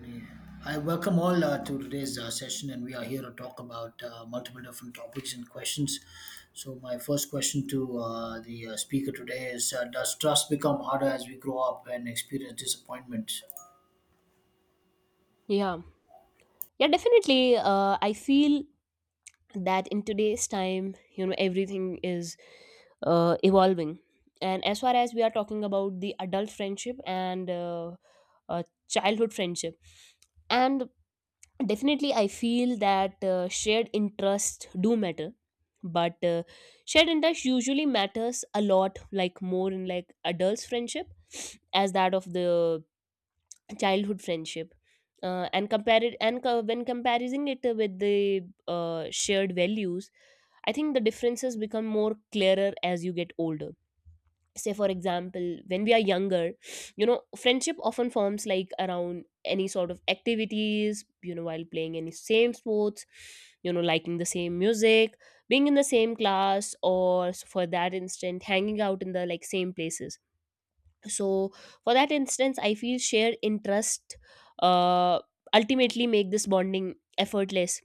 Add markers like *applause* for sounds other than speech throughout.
Really. I welcome all to today's session, and we are here to talk about multiple different topics and questions. So, my first question to the speaker today is: does trust become harder as we grow up and experience disappointment? Yeah, yeah, definitely. I feel that in today's time, you know, everything is evolving. And as far as we are talking about the adult friendship and childhood friendship, and definitely I feel that shared interests do matter, but shared interest usually matters a lot, like more in like adults' friendship as that of the childhood friendship and compare it and co- when comparing it with the shared values. I think the differences become more clearer as you get older. Say for example, when we are younger, you know, friendship often forms like around any sort of activities, you know, while playing any same sports, you know, liking the same music, being in the same class, for that instant hanging out in the like same places. So for that instance, I feel shared interest uh, ultimately make this bonding effortless,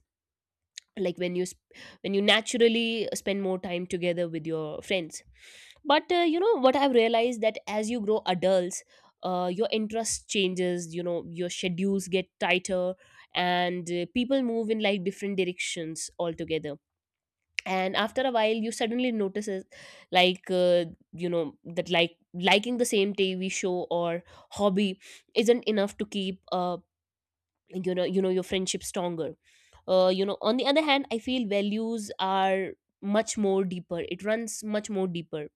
like when you naturally spend more time together with your friends. But you know what, I've realized that as you grow adults, your interest changes, you know, your schedules get tighter, and people move in like different directions altogether. And after a while, you suddenly notices, like uh, you know, that like liking the same TV show or hobby isn't enough to keep you know, your friendship stronger. You know, on the other hand, I feel values are much more deeper. It runs much more deeper,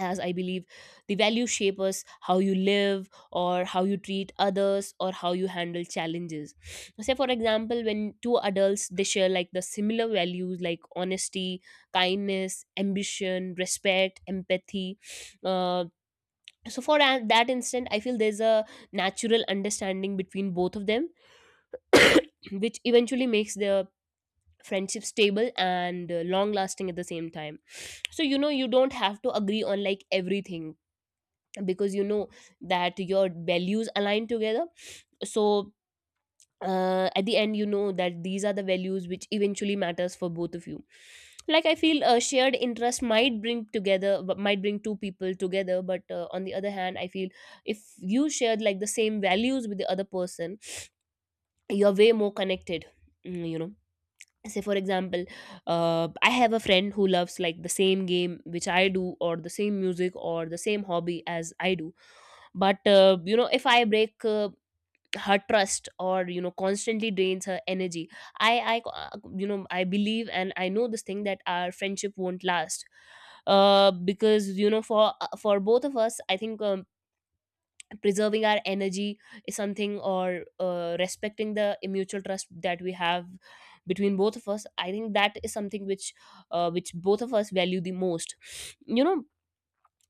as I believe the values shape us how you live, or how you treat others, or how you handle challenges. Say for example, when two adults, they share like the similar values, like honesty, kindness, ambition, respect, empathy, uh, so for that instant I feel there's a natural understanding between both of them, which eventually makes the friendship stable and long lasting at the same time. So you know, you don't have to agree on like everything, because you know that your values align together. So at the end, you know that these are the values which eventually matters for both of you. Like I feel a shared interest might bring together, but might bring two people together. But on the other hand, I feel if you shared like the same values with the other person, you're way more connected. You know, say for example, I have a friend who loves like the same game which I do, or the same music, or the same hobby as I do. But you know, if I break her trust, or you know, constantly drains her energy, I you know, I believe and I know this thing that our friendship won't last, because you know, for both of us, I think preserving our energy is something, or respecting the mutual trust that we have between both of us, I think that is something which both of us value the most, you know.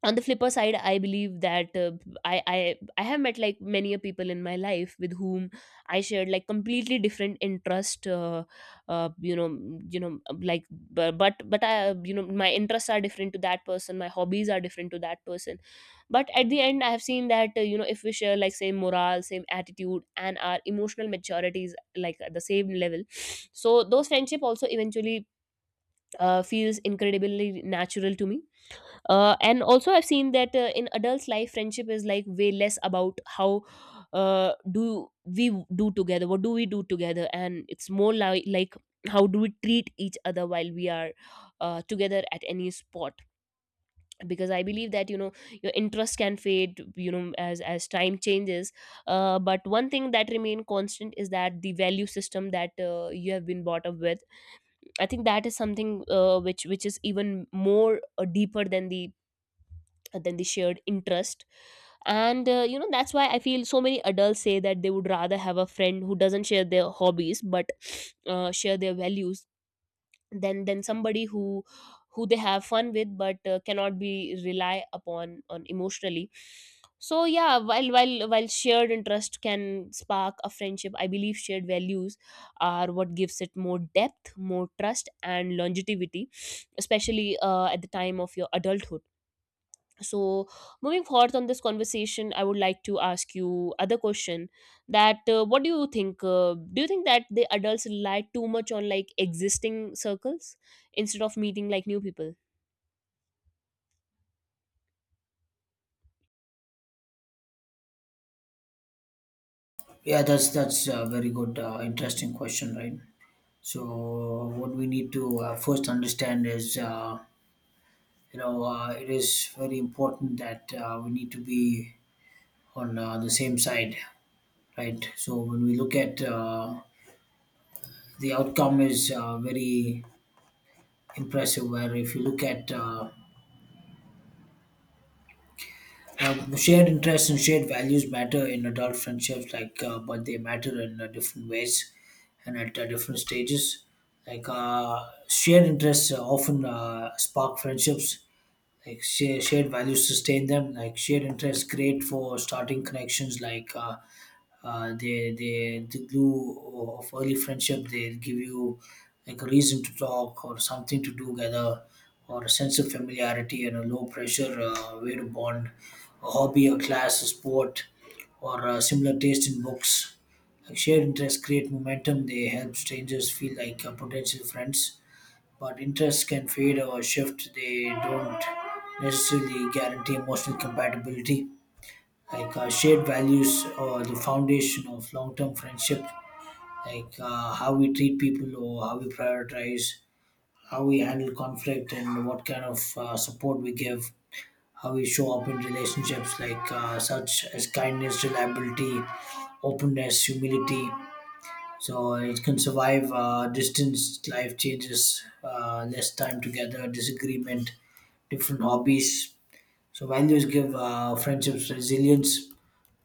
On the flipper side, I believe that i i I have met like many a people in my life with whom I shared like completely different interest, you know, you know like bu- but I you know, my interests are different to that person, my hobbies are different to that person. But at the end, I have seen that you know, if we share like same morale, same attitude, and our emotional maturity is like at the same level, so those friendship also eventually feels incredibly natural to me. And also, I've seen that in adults life, friendship is like way less about how do we do together what do we do together, and it's more like how do we treat each other while we are together at any spot. Because I believe that you know, your interest can fade, you know, as time changes. But one thing that remain constant is that the value system that you have been brought up with. I think that is something which is even more deeper than the and then the shared interest. And you know, that's why I feel so many adults say that they would rather have a friend who doesn't share their hobbies, but share their values, than somebody who they have fun with, but cannot be rely upon on emotionally. So yeah, while shared interest can spark a friendship, I believe shared values are what gives it more depth, more trust, and longevity, especially at the time of your adulthood. So moving forth on this conversation, I would like to ask you other question, that what do you think that the adults rely too much on like existing circles instead of meeting like new people? Yeah, that's a very good, interesting question, right? So, what we need to first understand is, it is very important that we need to be on the same side, right? So, when we look at the outcome is very impressive. Where if you look at shared interests and shared values matter in adult friendships, like but they matter in different ways and at different stages. Like shared interests often spark friendships like shared values sustain them, like shared interests great for starting connections, like the glue of early friendship, they give you like a reason to talk or something to do together, or a sense of familiarity and a low pressure way to bond, a hobby, a class, a sport, or a similar taste in books. Like shared interests create momentum, they help strangers feel like potential friends, but interests can fade or shift. They don't necessarily guarantee emotional compatibility. Like shared values or the foundation of long term friendship, like how we treat people or how we prioritize, how we handle conflict, and what kind of support we give, how we show up in relationships, like such as kindness, reliability, openness, humility, so it can survive distance, life changes, less time together, disagreement, different hobbies. So values give friendships resilience.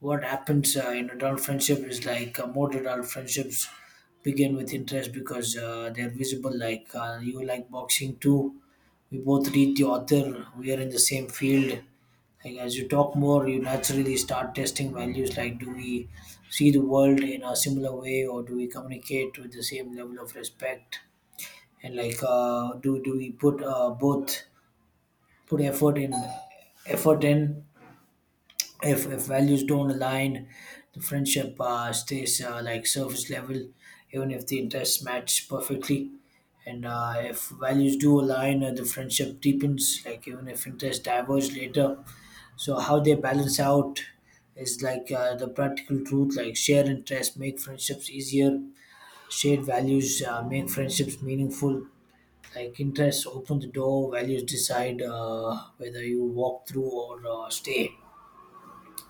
What happens in adult friendship is like most adult friendships begin with interest because they're visible. Like you like boxing too. We both read the author. We are in the same field. Like as you talk more, you naturally start testing values, like do we see the world in a similar way or do we communicate with the same level of respect, and like do we put both put effort in effort in. If values don't align, the friendship stays like surface level, even if the interests match perfectly. And if values do align, the friendship deepens like even if interests diverge later. So how they balance out is like the practical truth, like share interests make friendships easier, shared values make friendships meaningful. Like interests open the door, values decide whether you walk through or stay.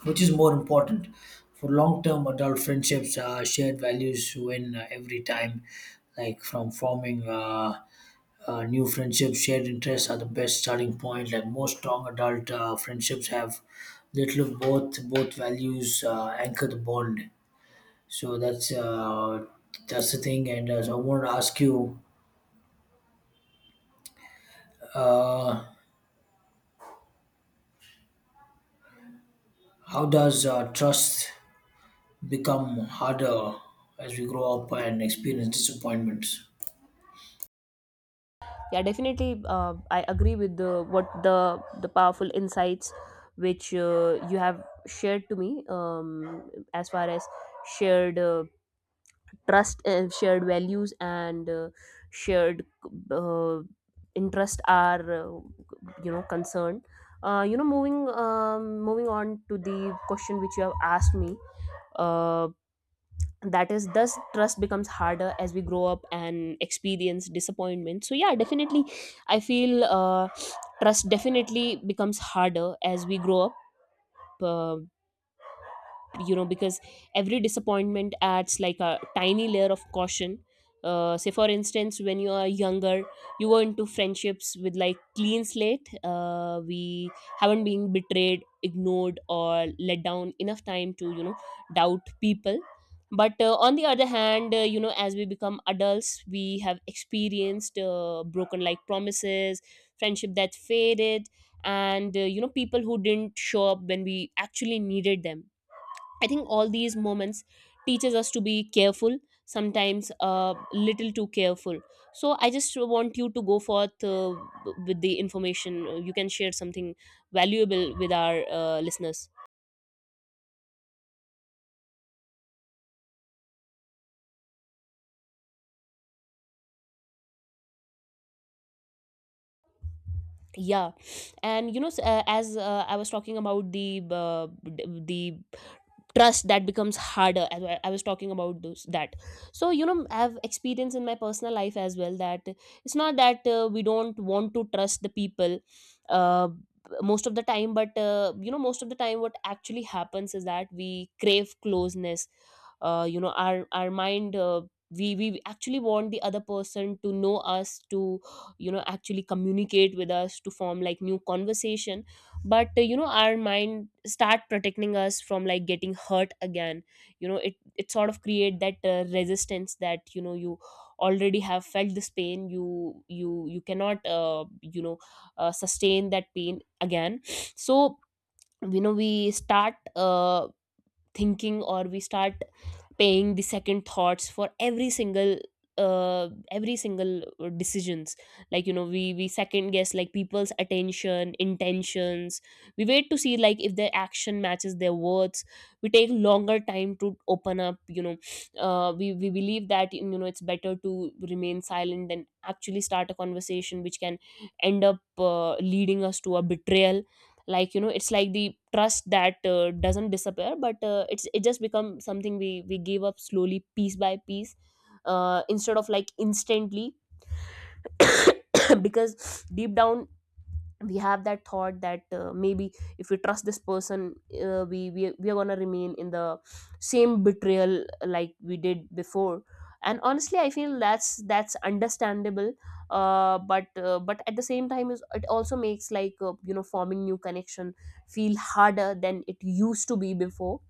Which is more important? For long-term adult friendships, shared values win every time. Like from forming new friendships, shared interests are the best starting point. Like most strong adult friendships have little of both. Both values anchor the bond. So that's the thing. And so I want to ask you, how does trust become harder as we grow up and experience disappointments? Yeah, definitely, I agree with the what the powerful insights which you have shared to me, as far as shared trust, shared values, and shared uh, interest are you know, concerned. You know, moving moving on to the question which you have asked me, uh, that is thus trust becomes harder as we grow up and experience disappointment. So yeah, definitely I feel trust definitely becomes harder as we grow up, uh, you know, because every disappointment adds like a tiny layer of caution. Say for instance, when you are younger, you go into friendships with like clean slate. We haven't been betrayed, ignored, or let down enough time to, you know, doubt people. But on the other hand, you know, as we become adults, we have experienced broken like promises, friendship that faded, and you know, people who didn't show up when we actually needed them. I think all these moments teaches us to be careful, sometimes little too careful. So I just want you to go forth with the information. You can share something valuable with our listeners. Yeah, and you know, s- as I was talking about the the trust that becomes harder, as I was talking about those that. So you know, I have experience in my personal life as well that it's not that we don't want to trust the people uh, most of the time. But you know, most of the time what actually happens is that we crave closeness. You know, our mind, we actually want the other person to know us, to you know, actually communicate with us, to form like new conversation. But you know, our mind start protecting us from like getting hurt again. You know, it sort of create that resistance, that you know, you already have felt this pain, you cannot you know, sustain that pain again. So you know, we start thinking, or we start paying the second thoughts for every single decisions. Like you know, we second guess like people's attention, intentions. We wait to see like if their action matches their words. We take longer time to open up, you know. We believe that you know, it's better to remain silent than actually start a conversation which can end up leading us to a betrayal. Like you know, it's like the trust that doesn't disappear, but it's, it just become something we give up slowly piece by piece, instead of like instantly. *coughs* Because deep down we have that thought that maybe if we trust this person, we are going to remain in the same betrayal like we did before. And honestly, I feel that's understandable. But but at the same time, is it also makes like you know, forming new connection feel harder than it used to be before.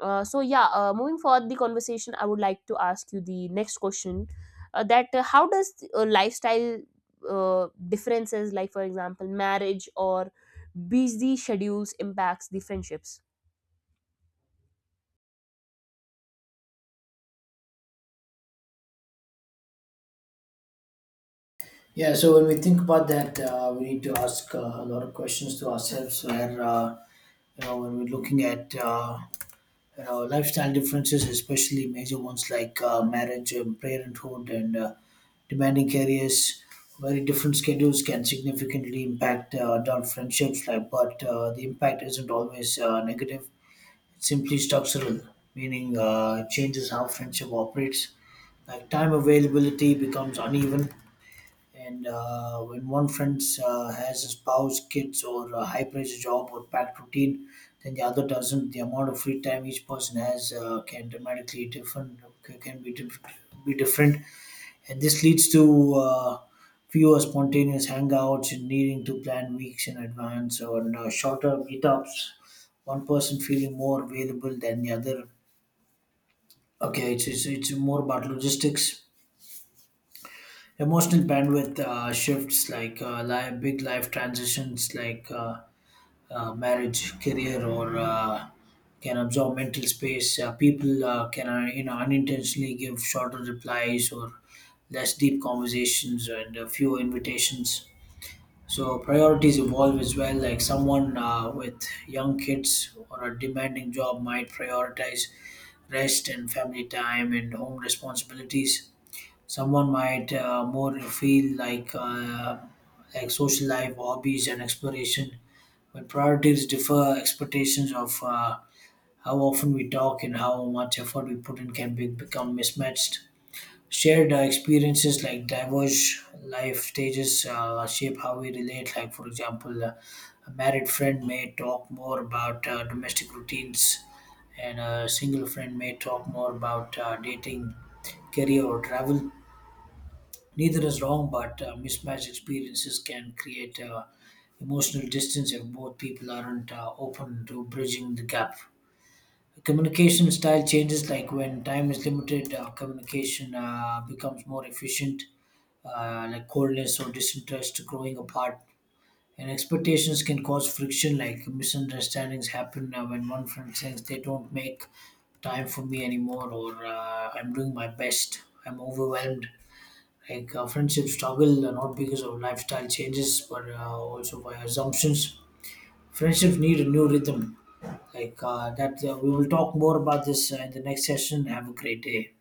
So yeah, moving forward the conversation, I would like to ask you the next question, that how does lifestyle differences, like for example marriage or busy schedules, impacts the friendships? Yeah. So when we think about that, we need to ask a lot of questions to ourselves. Where you know when we're looking at. You know, lifestyle differences, especially major ones like marriage, and parenthood, and demanding careers, very different schedules can significantly impact adult friendships. Like, but the impact isn't always negative. It's simply structural, meaning it changes how friendship operates. Like time availability becomes uneven, and when one friend has a spouse, kids, or a high pressure job or packed routine, then the other doesn't. The amount of free time each person has can dramatically different ca- can be diff- be different, and this leads to fewer spontaneous hangouts and needing to plan weeks in advance or shorter meetups. One person feeling more available than the other. Okay, it's more about logistics, emotional bandwidth shifts, like big life transitions like marriage, career, or can absorb mental space. Uh, people can you know unintentionally give shorter replies or less deep conversations and fewer invitations. So priorities evolve as well, like someone with young kids or a demanding job might prioritize rest and family time and home responsibilities. Someone might more feel like social life, hobbies, and exploration. When priorities differ, expectations of how often we talk and how much effort we put in become mismatched. Shared experiences, like diverse life stages, shape how we relate. Like, for example, a married friend may talk more about domestic routines, and a single friend may talk more about dating, career, or travel. Neither is wrong, but mismatched experiences can create emotional distance if both people aren't open to bridging the gap. Communication style changes, like when time is limited, communication becomes more efficient, like coldness or disinterest growing apart. And expectations can cause friction, like misunderstandings happen when one friend says they don't make time for me anymore, or I'm doing my best, I'm overwhelmed. Like friendships struggle not because of lifestyle changes, but also by assumptions. Friendships need a new rhythm. Like we will talk more about this in the next session. Have a great day.